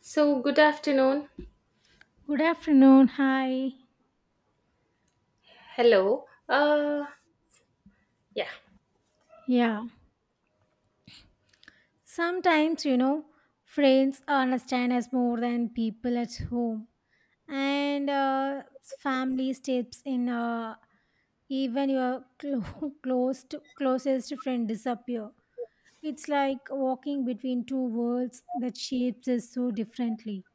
So, good afternoon. Good afternoon. Hi. Hello. Yeah, Yeah. Sometimes, you know, friends understand us more than people at home. And family steps in, even your close closest friend disappear. It's like walking between two worlds that shapes us so differently.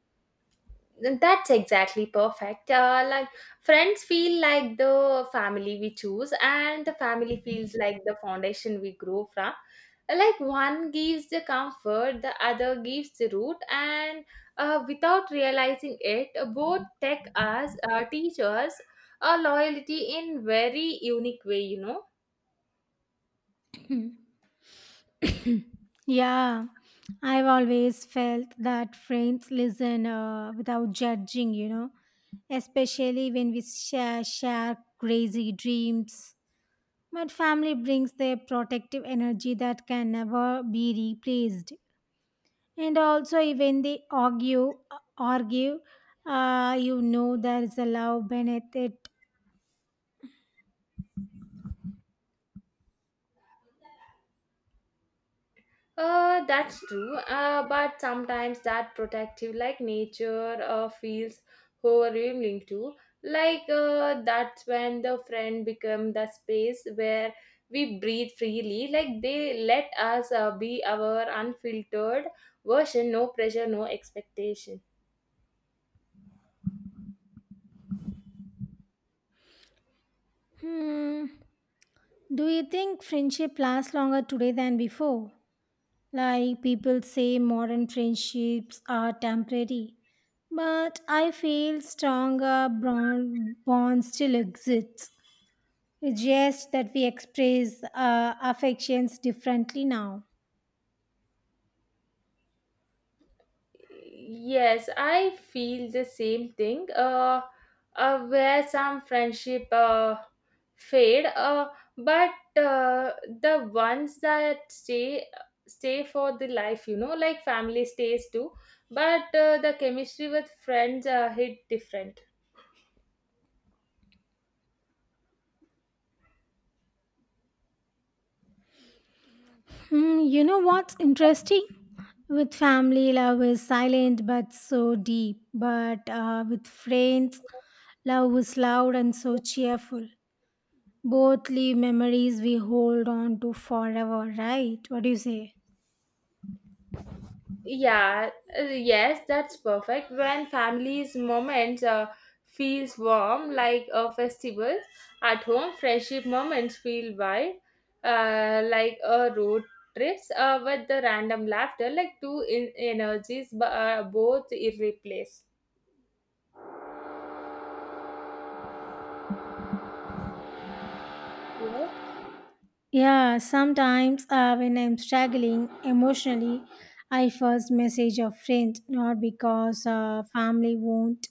that's exactly perfect. Like friends feel like the family we choose, and the family feels like the foundation we grow from. Like one gives the comfort, the other gives the root, and without realizing it, both teach us, loyalty in very unique way. You know. Yeah, I've always felt that friends listen without judging, you know, especially when we share crazy dreams. But family brings their protective energy that can never be replaced. And also, even they argue, you know there is a love beneath it. That's true. But sometimes that protective, like nature, feels overwhelming too. Like, that's when the friend become the space where we breathe freely. Like they let us be our unfiltered version. No pressure, no expectation. Hmm. Do you think friendship lasts longer today than before? Like people say, modern friendships are temporary, but I feel stronger bond still exists. It's just that we express affections differently now. Yes, I feel the same thing. Where some friendship fade, but uh, the ones that stay for the life, you know, like family stays too. But the chemistry with friends hit different. Hmm, you know what's interesting? With family, love is silent but so deep. But with friends, love is loud and so cheerful. Both leave memories we hold on to forever, right? What do you say? Yeah, yes, that's perfect. When families' moments feels warm like a festival, at home friendship moments feel wide, like a road trips with the random laughter, like energies, both irreplaceable. Yes. Yeah, sometimes when I'm struggling emotionally, I first message a friend, not because family won't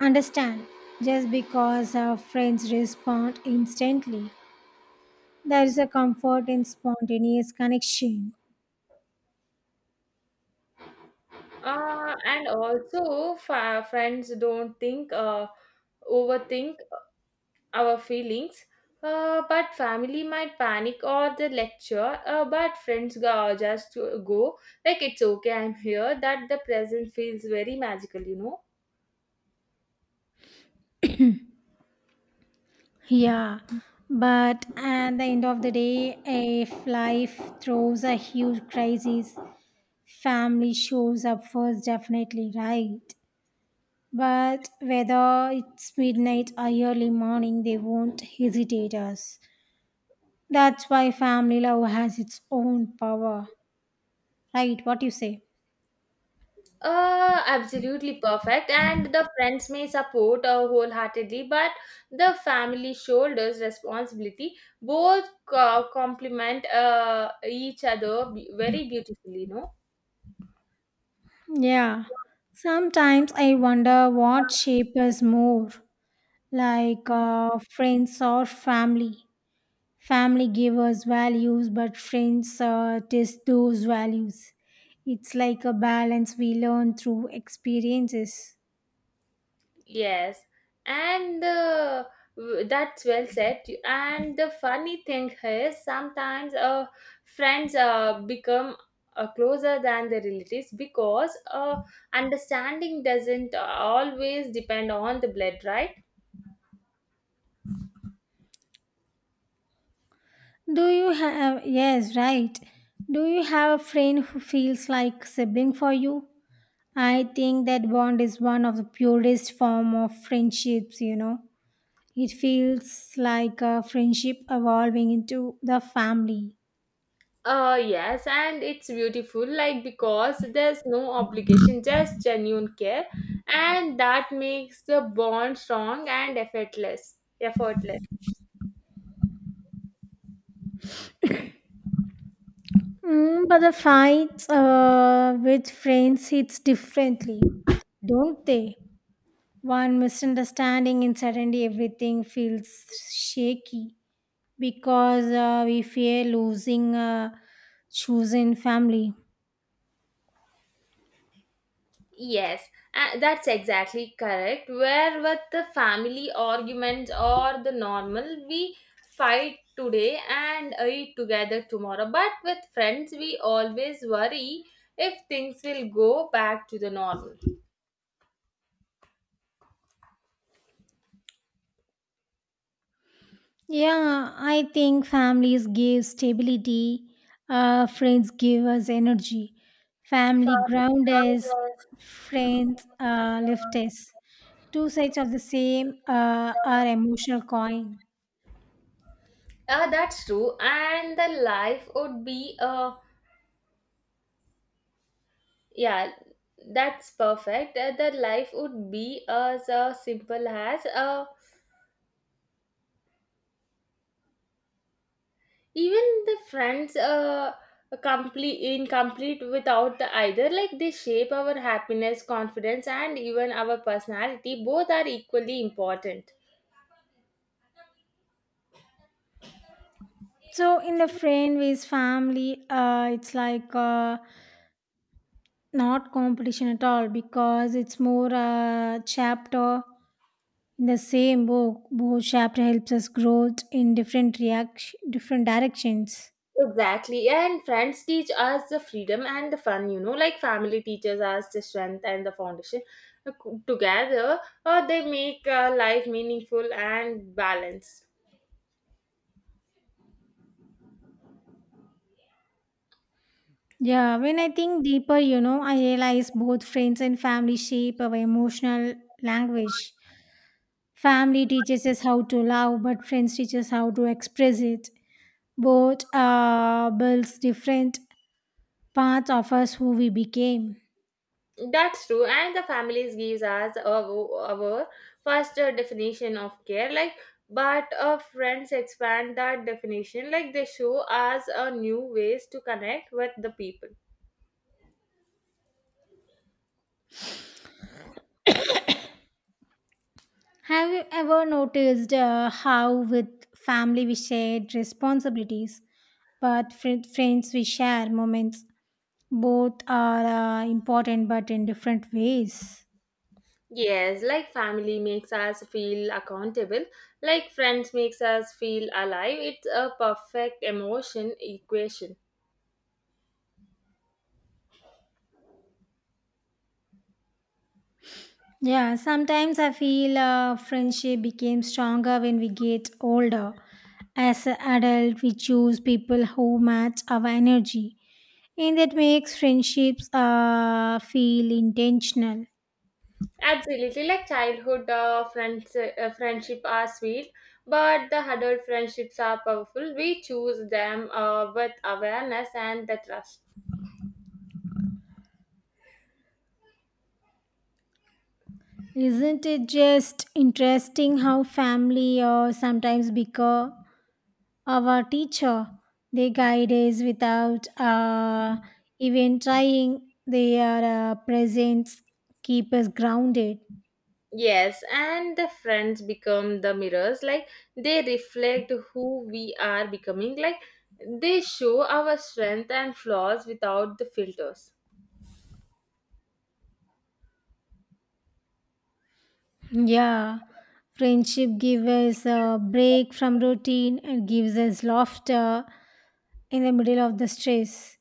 understand, just because friends respond instantly. There is a comfort in spontaneous connection. And also, friends don't think overthink our feelings. But family might panic or the lecture, but friends go, just go like it's okay, I'm here. That the present feels very magical, you know. Yeah, but at the end of the day, if life throws a huge crisis, family shows up first, definitely, right? But whether it's midnight or early morning, they won't hesitate us. That's why family love has its own power. Right, what you say? Absolutely perfect. And the friends may support wholeheartedly, but the family shoulders responsibility. Both complement each other very beautifully, you Yeah. Sometimes I wonder what shape is more like know. Friends or family. Family give us values, but friends test those values. It's like a balance we learn through experiences. Yes, and that's well said. And the funny thing is, sometimes friends become closer than the relatives because understanding doesn't always depend on the blood, right? Do you have, yes, right. Do you have a friend who feels like sibling for you? I think that bond is one of the purest form of friendships, you know. It feels like a friendship evolving into the family. Yes, and it's beautiful, like because there's no obligation, just genuine care, and that makes the bond strong and effortless. Effortless. Mm, but the fights with friends hits differently, don't they? One misunderstanding and suddenly everything feels shaky, because we fear losing chosen family. Yes, that's exactly correct. Where with the family arguments or the normal, we fight today and eat together tomorrow. But with friends, we always worry if things will go back to the normal. Yeah, I think families give stability, friends give us energy, family ground us, friends lift us. Two sides of the same are emotional coin. That's true, and the life would be a Yeah, that's perfect. The life would be as simple as even the friends complete incomplete without the either. Like they shape our happiness, confidence, and even our personality. Both are equally important. So in the friend with family, it's like not competition at all because it's more a chapter in the same book, both chapter helps us grow in different reaction, different directions. Exactly, and friends teach us the freedom and the fun. You know, like family teaches us the strength and the foundation. Uh, Together, they make life meaningful and balanced. Yeah, when I think deeper, you know, I realize both friends and family shape our emotional language. Family teaches us how to love, but friends teach us how to express it. Both builds different parts of us who we became. That's true, and the families gives us our first definition of care. Like, but friends expand that definition. Like, they show us new ways to connect with the people. Have you ever noticed how with family we shared responsibilities, but with friends we share moments? Both are important but in different ways. Yes, like family makes us feel accountable. Like friends makes us feel alive. It's a perfect emotion equation. Yeah, sometimes I feel friendship became stronger when we get older. As an adult we choose people who match our energy, and that makes friendships feel intentional. Absolutely, like childhood friends, friendship are sweet, but the adult friendships are powerful. We choose them with awareness and the trust. Isn't it just interesting how family or sometimes bigger our teacher, they guide us without even trying. Their presence keep us grounded. Yes, and the friends become the mirrors. Like they reflect who we are becoming. Like they show our strength and flaws without the filters. Yeah, friendship gives us a break from routine and gives us laughter in the middle of the stress.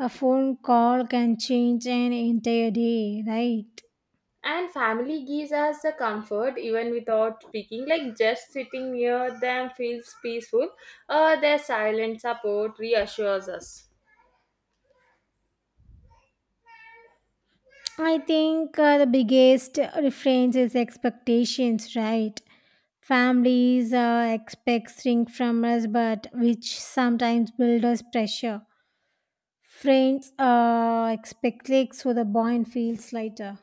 A phone call can change an entire day, right? And family gives us the comfort even without speaking, like just sitting near them feels peaceful. Their silent support reassures us. I think the biggest difference is expectations, right? Families expect things from us, but which sometimes build us pressure. Friends expect clicks, so the bond feels lighter.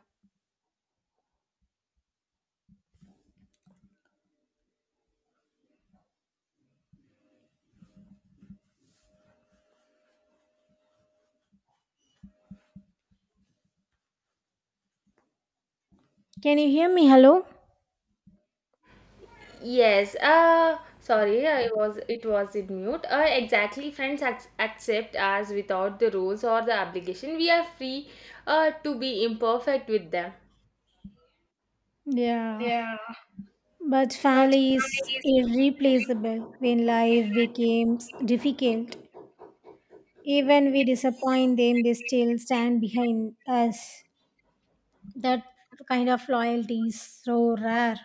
Can you hear me? Hello? Yes, sorry, I was it was in mute. Exactly, friends accept us without the rules or the obligation. We are free to be imperfect with them. Yeah. But But family is irreplaceable. When life becomes difficult, even we disappoint them, they still stand behind us. That kind of loyalty is so rare.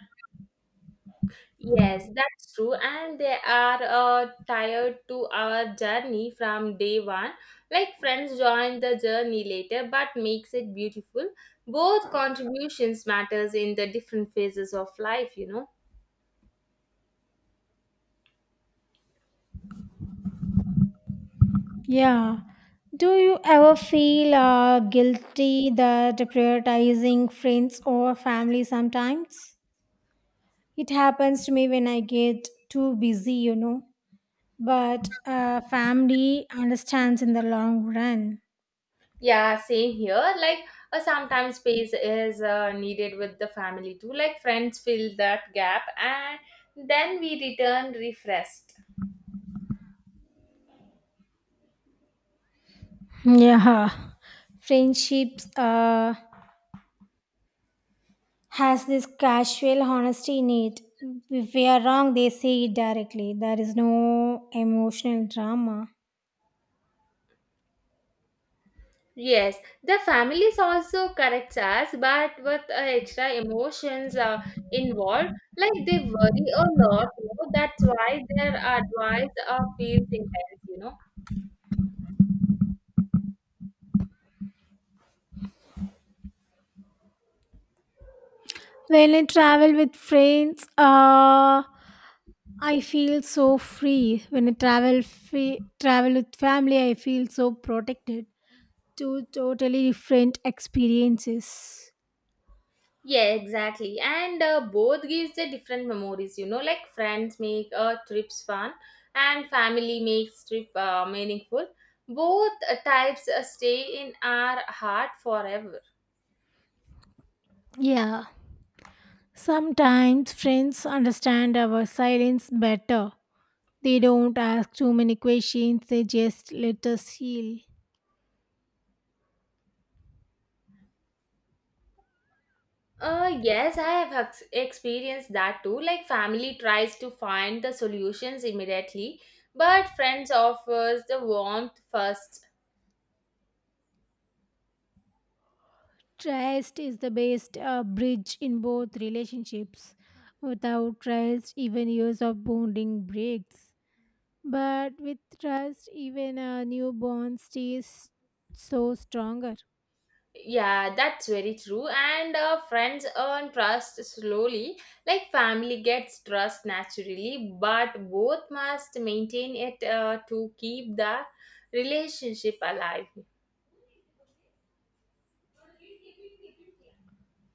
yes, that's true. And they are tired to our journey from day one. Like friends join the journey later, but makes it beautiful. Both contributions matters in the different phases of life, you know. Yeah. Do you ever feel guilty that prioritizing friends over family sometimes? It happens to me when I get too busy, you know. But family understands in the long run. Yeah, same here. Like, sometimes space is needed with the family too. Like friends fill that gap, and then we return refreshed. Yeah. Friendships has this casual honesty in it. If we are wrong, they say it directly. There is no emotional drama. Yes, the family also corrects us, but with extra emotions involved, like they worry a lot. You know? That's why their advice feels intense. You know. When I travel with friends, I feel so free. When I travel free, travel with family, I feel so protected. Two totally different experiences. Yeah, exactly. And both gives the different memories. You know, like friends make trips fun, and family makes trip meaningful. Both types stay in our heart forever. Yeah. Sometimes friends understand our silence better. They don't ask too many questions, they just let us heal. Yes, I have experienced that too. Like, family tries to find the solutions immediately, but friends offers the warmth first. Trust is the best bridge in both relationships. Without trust, even years of bonding breaks. But with trust, even a newborn stays so stronger. Yeah, that's very true. And friends earn trust slowly. Like, family gets trust naturally, but both must maintain it to keep the relationship alive.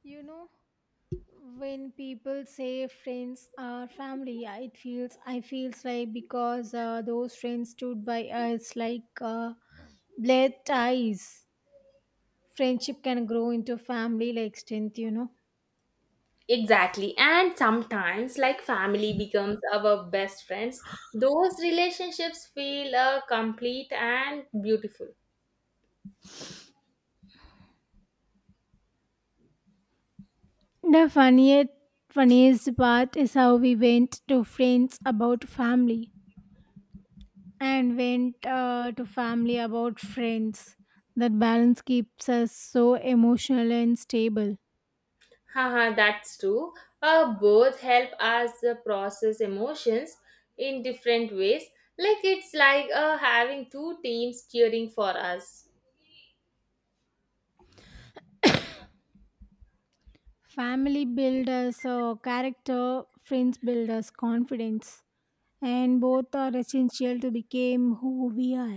You know, when people say friends are family, it feels I feels like because those friends stood by us like blood ties. Friendship can grow into family like strength. You know. Exactly. And sometimes, like family becomes our best friends, those relationships feel complete and beautiful. The funniest part is how we went to friends about family, and went to family about friends. That balance keeps us so emotional and stable. Haha, that's true. Both help us process emotions in different ways. It's like having two teams cheering for us. Family builds us character, friends build us confidence, and both are essential to become who we are.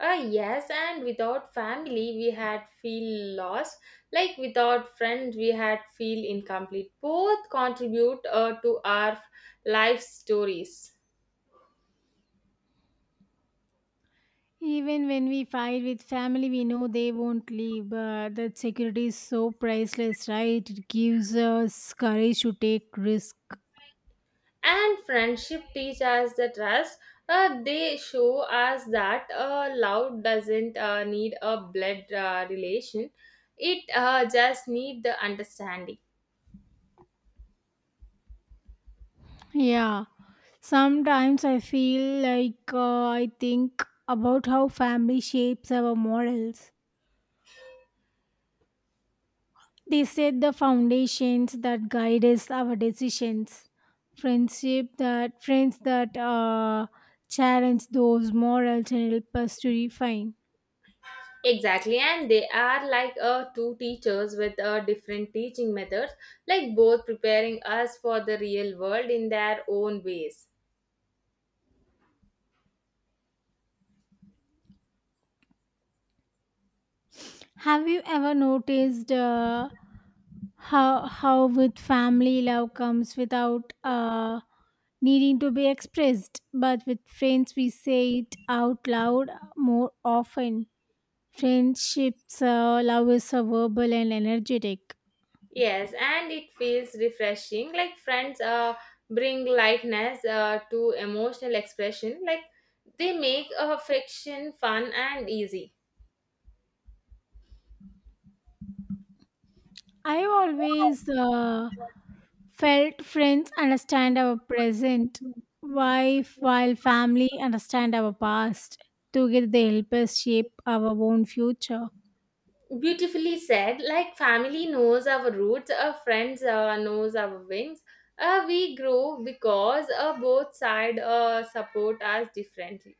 Ah yes, and without family, we had feel lost. Like without friends, we had feel incomplete. Both contribute to our life stories. Even when we fight with family, we know they won't leave. But that security is so priceless, right? It gives us courage to take risk. And friendship teach us the trust. They show us that love doesn't need a blood relation. It just need the understanding. Yeah, sometimes I feel like I think about how family shapes our morals. They set the foundations that guide us our decisions. Friendship that friends that challenge those morals and help us to refine. Exactly, and they are like two teachers with different teaching methods, like both preparing us for the real world in their own ways. Have you ever noticed how with family love comes without needing to be expressed, but with friends we say it out loud more often. Friendships, love is so verbal and energetic. Yes, and it feels refreshing. Like friends bring lightness to emotional expression. Like they make friction fun and easy. I always felt friends understand our present, wife while family understand our past. Together they help us shape our own future. Beautifully said. Like family knows our roots, our friends knows our wings. We grow because both sides support us differently.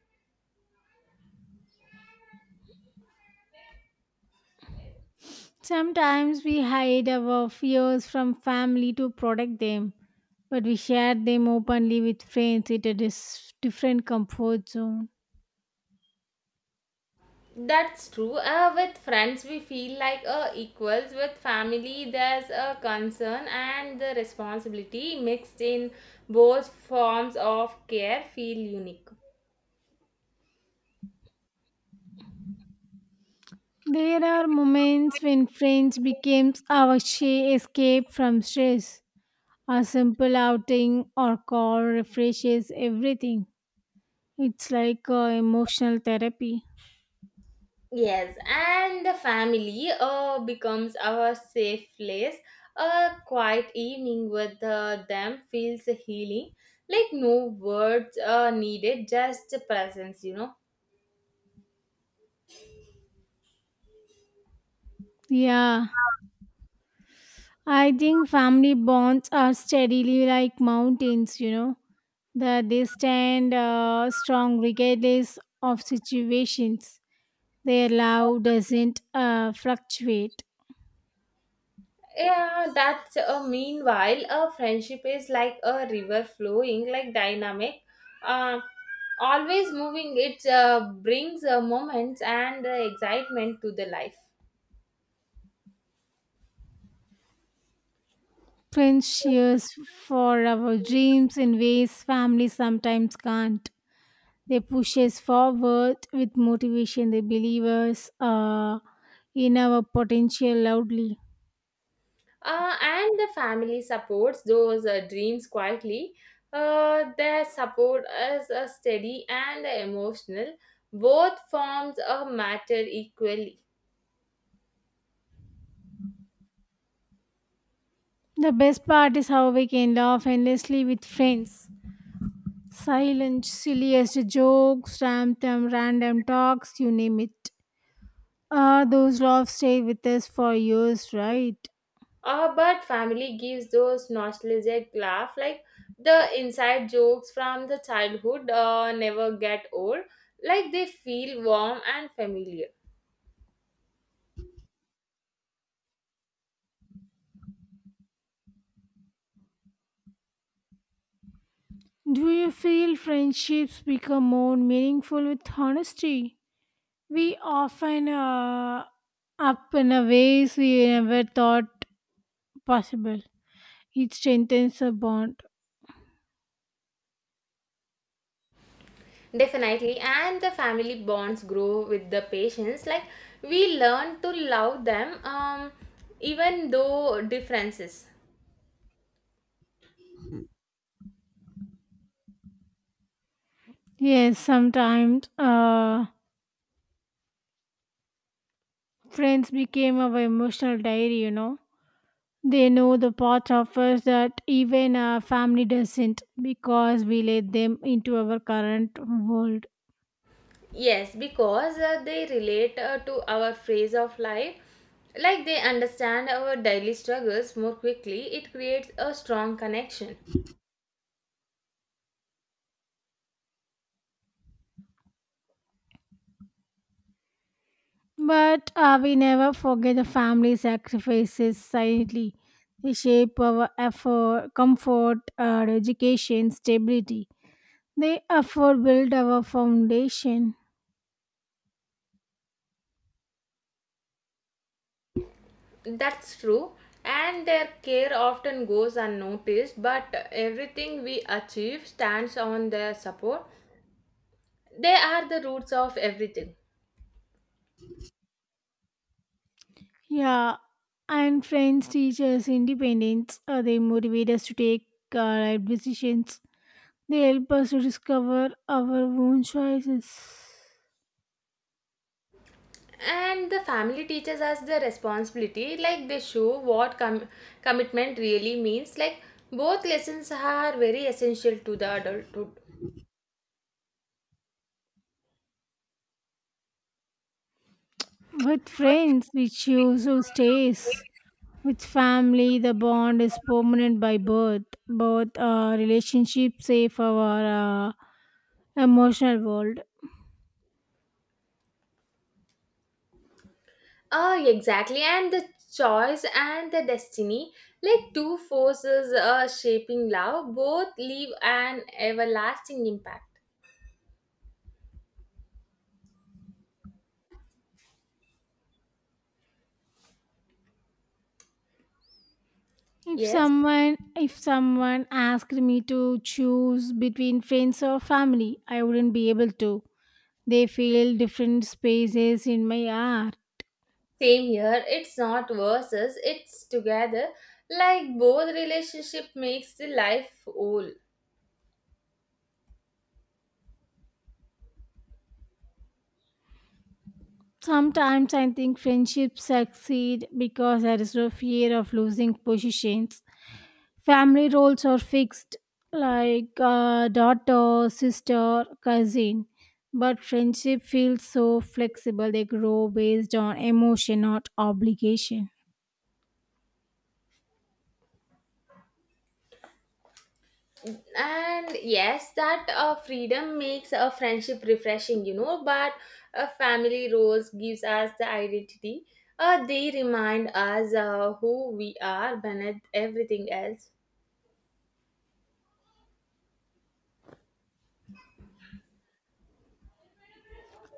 Sometimes we hide our fears from family to protect them, but we share them openly with friends. It is different comfort zone. That's true. With friends, we feel like equals. With family, there's a concern and the responsibility mixed in, both forms of care feel unique. There are moments when friends becomes our escape from stress. A simple outing or call refreshes everything. It's like emotional therapy. Yes, and the family becomes our safe place. A quiet evening with them feels healing. Like no words needed, just presence, you know. Yeah, I think family bonds are steadily like mountains, you know that they stand strong regardless of situations. Their love doesn't fluctuate. Yeah, that's meanwhile, a friendship is like a river flowing, like dynamic, uh, always moving. It brings moments and excitement to the life. Friends cheers for our dreams in ways family sometimes can't. They push us forward with motivation. They believe us in our potential loudly. And the family supports those dreams quietly. Their support is steady and emotional. Both forms matter equally. The best part is how we can laugh endlessly with friends. Silent, silliest jokes, random talks, you name it. Ah, those love stay with us for years, right? But family gives those nostalgic laugh, like the inside jokes from the childhood never get old. Like they feel warm and familiar. Do you feel friendships become more meaningful with honesty? We often up in a ways we never thought possible. It strengthens a bond. Definitely, and the family bonds grow with the patients. Like we learn to love them, even though differences. Yes, sometimes friends became our emotional diary, you know. They know the parts of us that even our family doesn't because we let them into our current world. Yes, because they relate to our phase of life. Like they understand our daily struggles more quickly. It creates a strong connection. But we never forget the family sacrifices silently. They shape our effort, comfort, our education, stability. They afford build our foundation. That's true, and their care often goes unnoticed, but everything we achieve stands on their support. They are the roots of everything. Yeah, and friends teach us independence. They motivate us to take right decisions. They help us to discover our own choices. And the family teaches us the responsibility, like they show what commitment really means. Like both lessons are very essential to the adulthood. With friends, we choose who stays. With family, the bond is permanent by birth. Both relationships save our uh, emotional world. Exactly, and the choice and the destiny, like two forces shaping love, both leave an everlasting impact. Yes. If someone asked me to choose between friends or family, I wouldn't be able to. They fill different spaces in my heart. Same here, it's not versus, it's together. Like both relationship makes the life whole. Sometimes I think friendships succeed because there is no fear of losing positions. Family roles are fixed like daughter sister cousin, but friendship feels so flexible, they grow based on emotion not obligation. And yes, that freedom makes a friendship refreshing, you know, but family roles gives us the identity. They remind us who we are beneath everything else.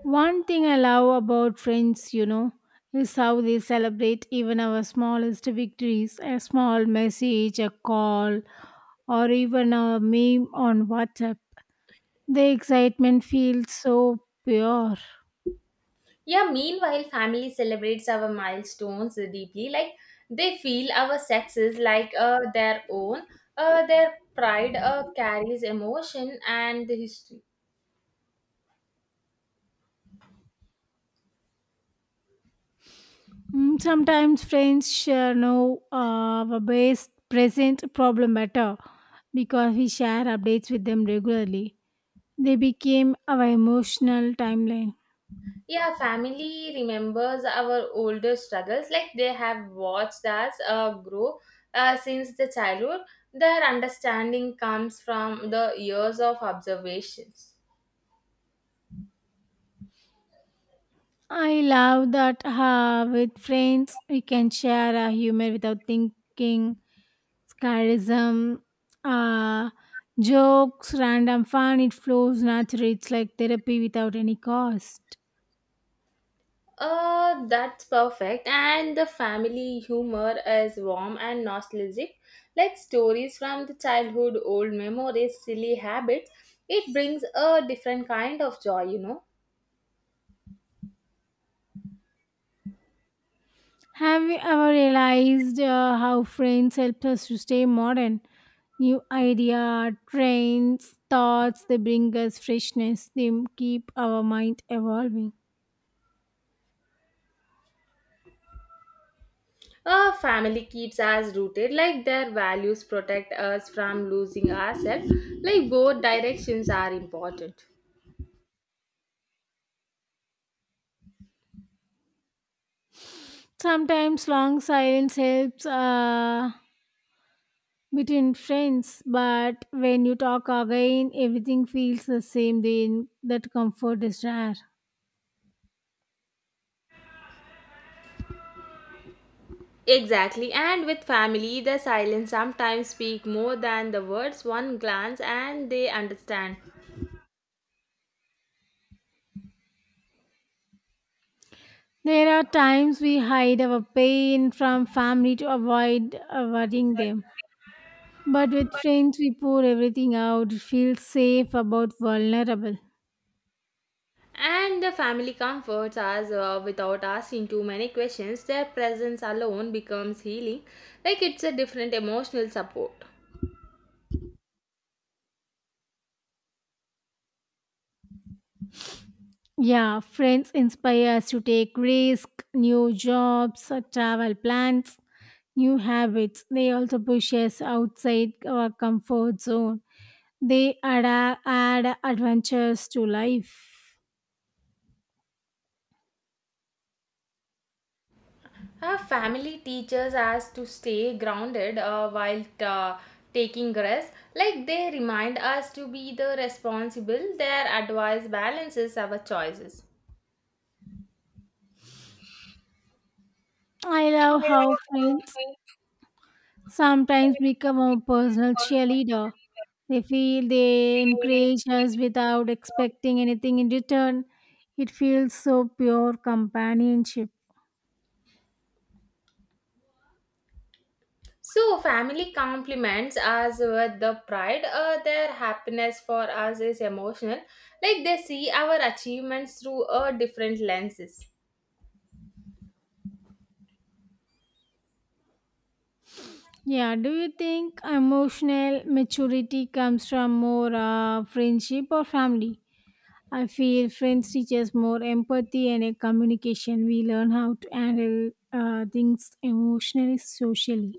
One thing I love about friends, you know, is how they celebrate even our smallest victories, a small message, a call, or even a meme on WhatsApp. The excitement feels so pure. Yeah, meanwhile, family celebrates our milestones deeply. Like they feel our success like their own. Their pride carries emotion and the history. Mm, sometimes friends share no the best present problem better because we share updates with them regularly. They became our emotional timeline. Yeah, family remembers our older struggles. Like they have watched us grow since the childhood. Their understanding comes from the years of observations. I love that with friends we can share our humor without thinking, sarcasm, uh, jokes, random fun. It flows naturally. It's like therapy without any cost. That's perfect. And the family humor is warm and nostalgic, like stories from the childhood, old memories, silly habits. It brings a different kind of joy, you know. Have you ever realized how friends help us to stay modern? New idea, trends, thoughts, they bring us freshness, they keep our mind evolving. A family keeps us rooted, like their values protect us from losing ourselves. Like both directions are important. Sometimes long silence helps between friends, but when you talk again, everything feels the same. Then that comfort is rare. Exactly, and with family, the silence sometimes speak more than the words. One glance and they understand. There are times we hide our pain from family to avoid worrying them. But with friends, we pour everything out, feel safe about vulnerable. And the family comforts us without asking too many questions. Their presence alone becomes healing, like it's a different emotional support. Yeah, friends inspire us to take risks, new jobs, travel plans, new habits. They also push us outside our comfort zone. They add adventures to life. Our family teaches us to stay grounded while taking rest, like they remind us to be the responsible. Their advice balances our choices. I love how friends sometimes become a personal cheerleader. They feel they encourage us without expecting anything in return. It feels so pure companionship. So, family compliments us with the pride. Their happiness for us is emotional. Like they see our achievements through different lenses. Yeah, do you think emotional maturity comes from more friendship or family? I feel friends teach us more empathy and communication. We learn how to handle things emotionally, socially.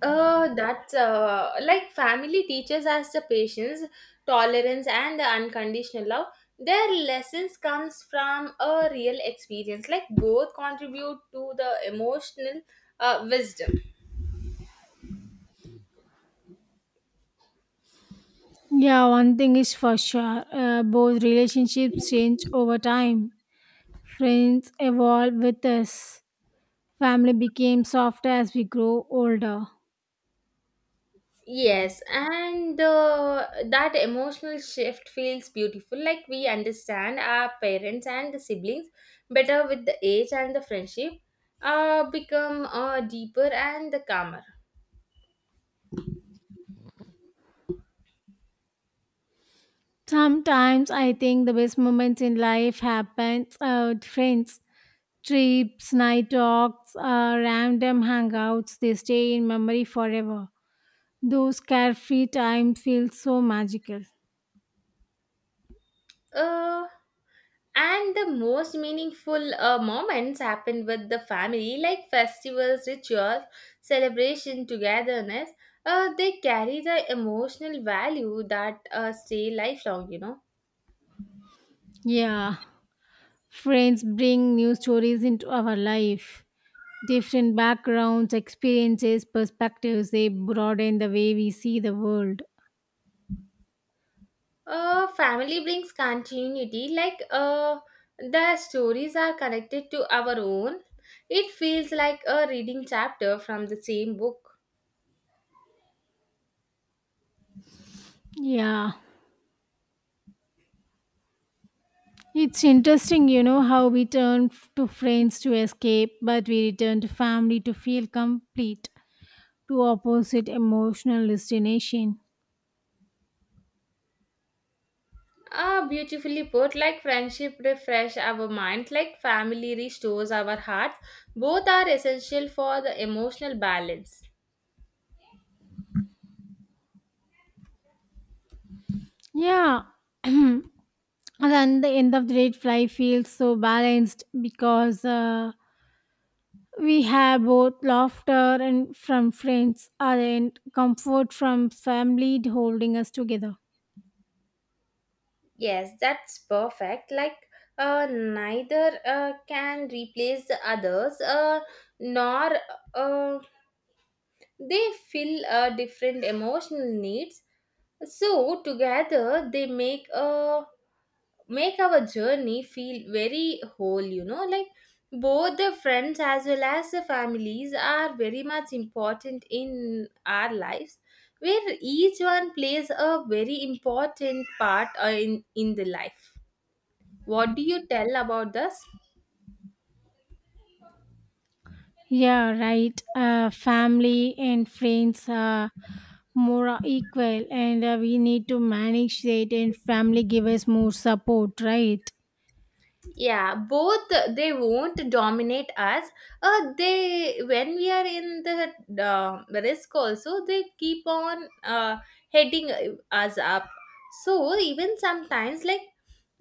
That's Like family teaches us the patience, tolerance, and the unconditional love. Their lessons comes from a real experience. Like both contribute to the emotional wisdom. Yeah, one thing is for sure. Both relationships change over time. Friends evolve with us. Family became softer as we grow older. Yes, and that emotional shift feels beautiful. Like we understand our parents and the siblings better with the age, and the friendship become deeper and the calmer. Sometimes I think the best moments in life happen with friends. Trips, night talks, random hangouts, they stay in memory forever. Those carefree times feel so magical. Uh, and the most meaningful moments happen with the family, like festivals, rituals, celebration, togetherness. They carry the emotional value that stay lifelong. You know. Yeah, friends bring new stories into our life. Different backgrounds, experiences, perspectives, they broaden the way we see the world. Family brings continuity, like the stories are connected to our own. It feels like a reading chapter from the same book. Yeah. It's interesting, how we turn to friends to escape, but we return to family to feel complete. Two opposite emotional destination. Ah, beautifully put, like friendship refresh our minds, like family restores our hearts. Both are essential for the emotional balance. Yeah. And then the end of the day, fly feels so balanced because we have both laughter and from friends and comfort from family holding us together. Yes, that's perfect. Like neither can replace the others, nor uh, they fill different emotional needs, so together they make our journey feel very whole, you know, like both the friends as well as the families are very much important in our lives, where each one plays a very important part in the life. What do you tell about this? Yeah, right. Family and friends are more are equal, and we need to manage that. And family give us more support, right? Yeah, both, they won't dominate us. They, when we are in the risk also, they keep on, heading us up. So even sometimes, like,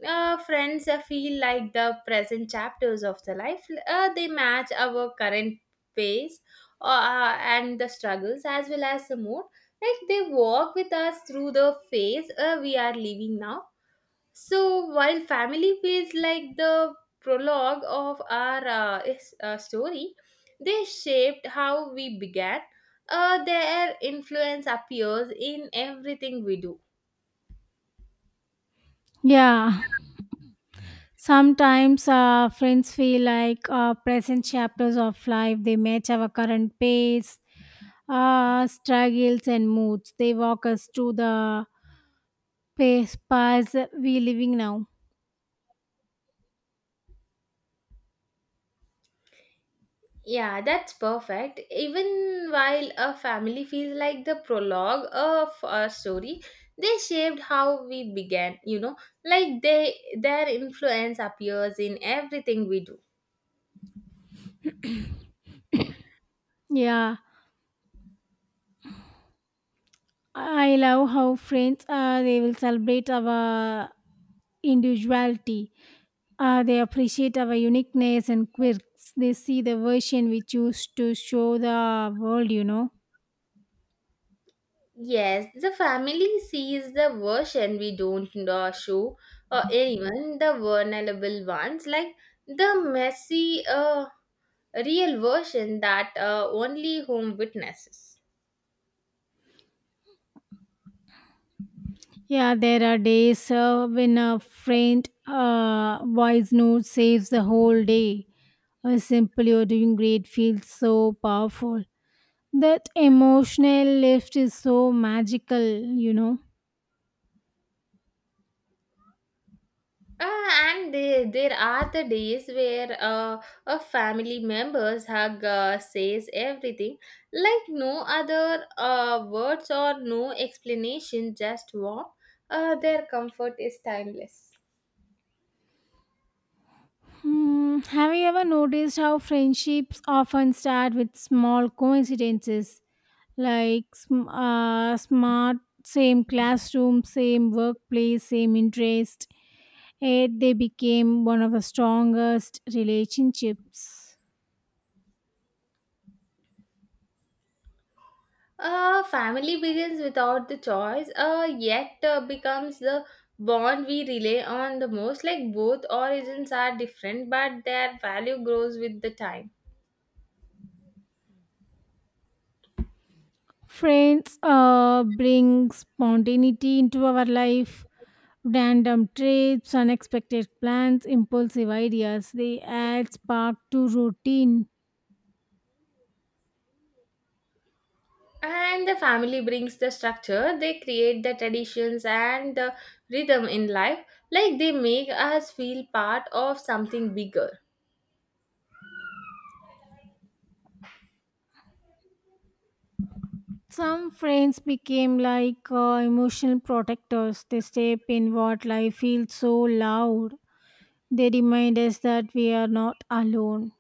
friends feel like the present chapters of the life, they match our current pace, and the struggles as well as the mood, like they walk with us through the phase we are living now. So while family feels like the prologue of our story, they shaped how we began. Their influence appears in everything we do. Yeah. Sometimes friends feel like present chapters of life. They match our current pace, struggles, and moods. They walk us to the pace paths we living now. Yeah, that's perfect. Even while a family feels like the prologue of our story, they shaped how we began. You know, like they, their influence appears in everything we do. Yeah, I love how friends they will celebrate our individuality. They appreciate our uniqueness and quirks. They see the version we choose to show the world, Yes, the family sees the version we don't know show, or even the vulnerable ones, like the messy, real version that only home witnesses. Yeah, there are days when a faint voice note saves the whole day. A simple you're doing great feels so powerful. That emotional lift is so magical, you know. And there are the days where, a family member's hug says everything, like no other words or no explanation, just warm. Their comfort is timeless. Hmm, have you ever noticed how friendships often start with small coincidences, like smart same classroom, same workplace, same interest? Yet they became one of the strongest relationships. Family begins without the choice, yet becomes the bond we rely on the most. Like both origins are different, but their value grows with the time. Friends bring spontaneity into our life, random trips, unexpected plans, impulsive ideas. They add spark to routine. And the family brings the structure, they create the traditions and the rhythm in life. Like they make us feel part of something bigger. Some friends became like emotional protectors. They step in what life feels so loud. They remind us that we are not alone.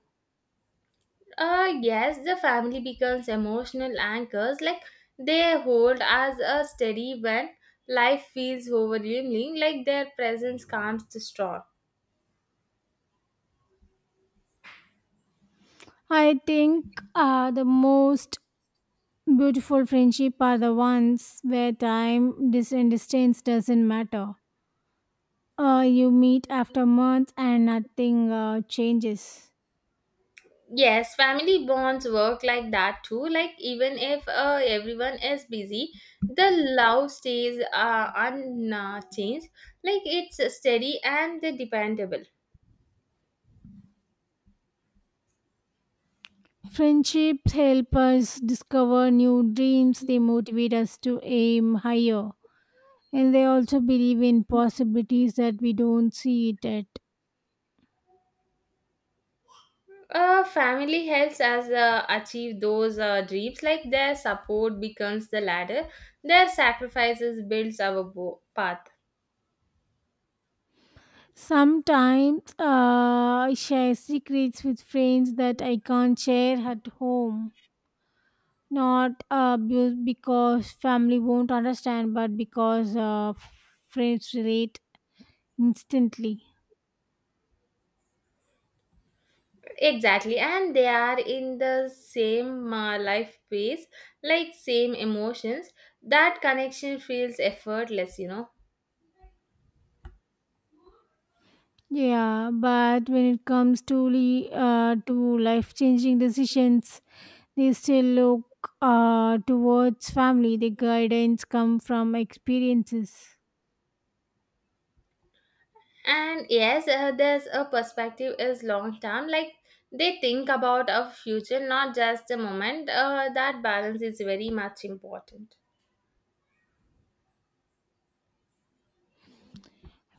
Yes, the family becomes emotional anchors, like they hold as a steady when life feels overwhelming, like their presence calms the storm. I think the most beautiful friendship are the ones where time dis- and distance doesn't matter. You meet after months and nothing changes. Yes, family bonds work like that too. Like even if everyone is busy, the love stays unchanged. Like it's steady and dependable. Friendships help us discover new dreams. They motivate us to aim higher, and they also believe in possibilities that we don't see it at. Family helps us achieve those dreams. Like their support becomes the ladder, their sacrifices builds our path. Sometimes I share secrets with friends that I can't share at home. Not because family won't understand, but because friends relate instantly. Exactly, and they are in the same life pace, like same emotions. That connection feels effortless, you know. Yeah, but when it comes to to life changing decisions, they still look towards family. The guidance come from experiences. And yes, there's a perspective is long term. Like they think about a future, not just a moment. That balance is very much important.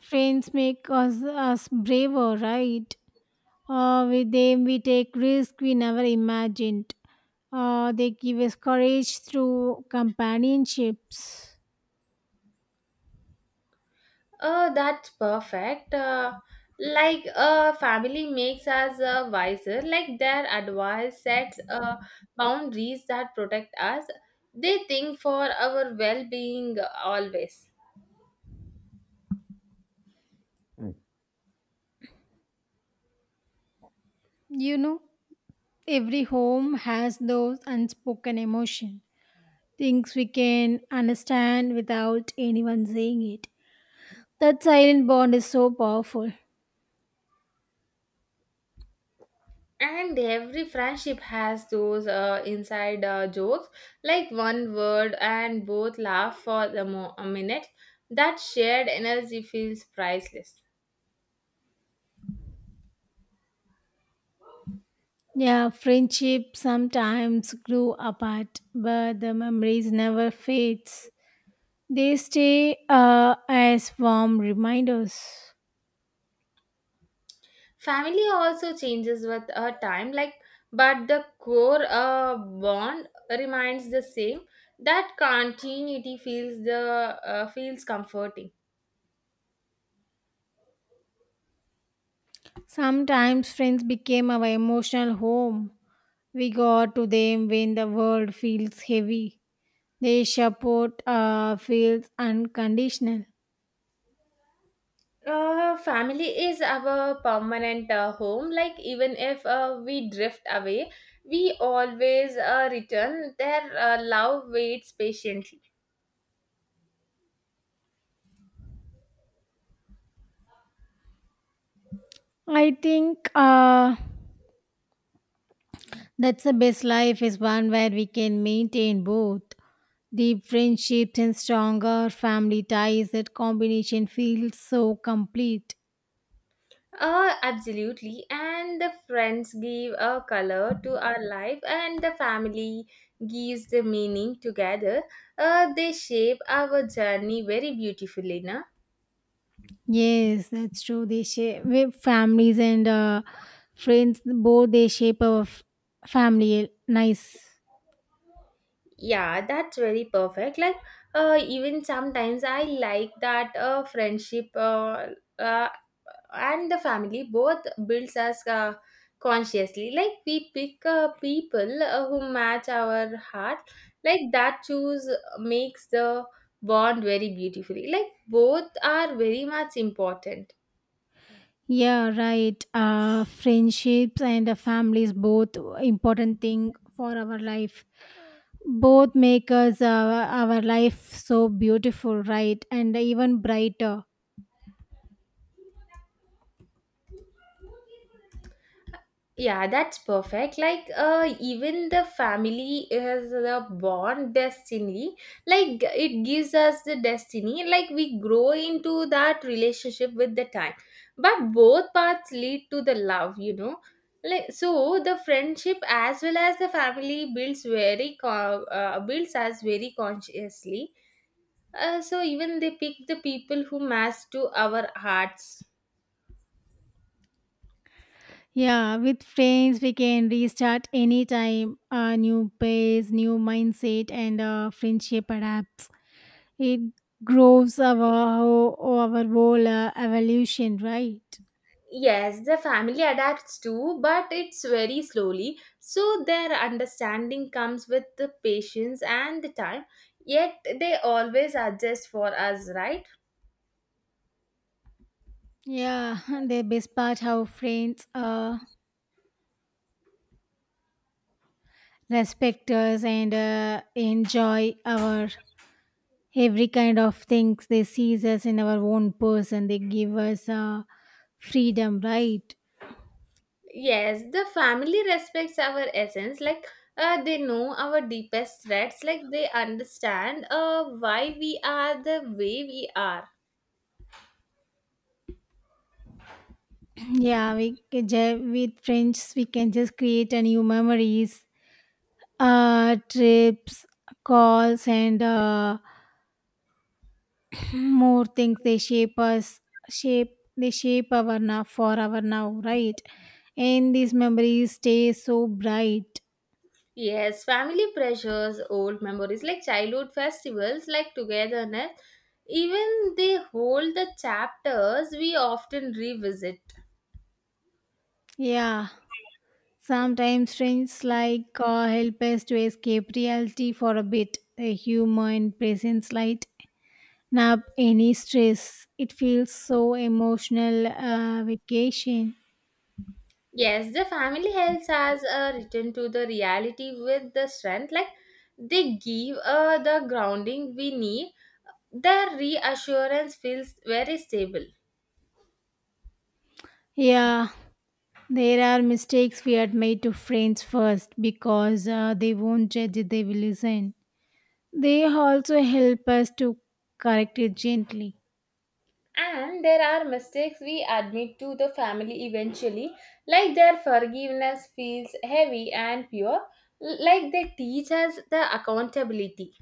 Friends make us braver, right? With them, we take risks we never imagined. They give us courage through companionships. That's perfect. Like family makes us wiser. Like their advice sets boundaries that protect us. They think for our well-being always. You know, every home has those unspoken emotions, things we can understand without anyone saying it. That silent bond is so powerful. And every friendship has those, inside jokes, like one word and both laugh for the a minute. That shared energy feels priceless. Yeah, friendship sometimes grew apart, but the memories never fades. They stay as warm reminders. Family also changes with a time, like, but the core bond remains the same. That continuity feels the, feels comforting. Sometimes friends became our emotional home. We go to them when the world feels heavy. Their support feels unconditional. Family is our permanent home. Like even if we drift away, we always return. Their love waits patiently. I think that's the best life is one where we can maintain both deep friendships and stronger family ties. That combination feels so complete. Absolutely. And the friends give a color to our life, and the family gives the meaning together. They shape our journey very beautifully, na? Yes, that's true. They shape families and friends. Both they shape our family. Eh, nice. Yeah, that's very perfect. Like, even sometimes I like that friendship, uh, and the family both builds us consciously. Like, we pick people who match our heart. Like, that choose makes the bond very beautifully. Like, both are very much important. Yeah, right. Friendships and families both important thing for our life. Both make us our life so beautiful, right? And even brighter. Yeah, that's perfect. Like, even the family is the born destiny. Like, it gives us the destiny. Like, we grow into that relationship with the time. But both paths lead to the love, you know. Like, so the friendship as well as the family builds builds us very consciously. So even they pick the people who match to our hearts. Yeah, with friends we can restart anytime. A new pace, new mindset, and friendship adapts. It grows our whole evolution, right? Yes, the family adapts too, but it's very slowly. So their understanding comes with the patience and the time. Yet they always adjust for us, right? Yeah, the best part how friends respect us and enjoy our every kind of things they see us in our own person. They give us freedom, right? Yes, the family respects our essence. Like they know our deepest threats. Like they understand why we are the way we are. Yeah, we can with friends we can just create a new memories, trips, calls, and more things they shape our now for our now, right? And these memories stay so bright. Yes, family pressures, old memories like childhood festivals, like togetherness, even they hold the chapters we often revisit. Yeah, sometimes friends like help us to escape reality for a bit, a humor and presence light, nap any stress. It feels so emotional vacation. Yes, the family helps us return to the reality with the strength, like they give the grounding we need. The reassurance feels very stable. Yeah, there are mistakes we had made to friends first because they won't judge, they will listen. They also help us to correct it gently. And there are mistakes we admit to the family eventually, like their forgiveness feels heavy and pure, like they teach us the accountability.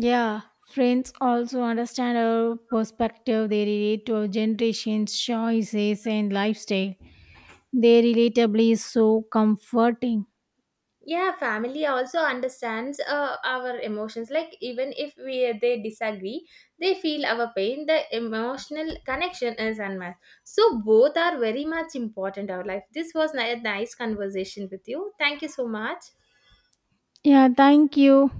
Yeah, friends also understand our perspective. They relate to our generation's choices and lifestyle. Their relatability is so comforting. Yeah, family also understands our emotions. Like even if we they disagree, they feel our pain. The emotional connection is unmatched. So both are very much important in our life. This was a nice conversation with you. Thank you so much. Yeah, thank you.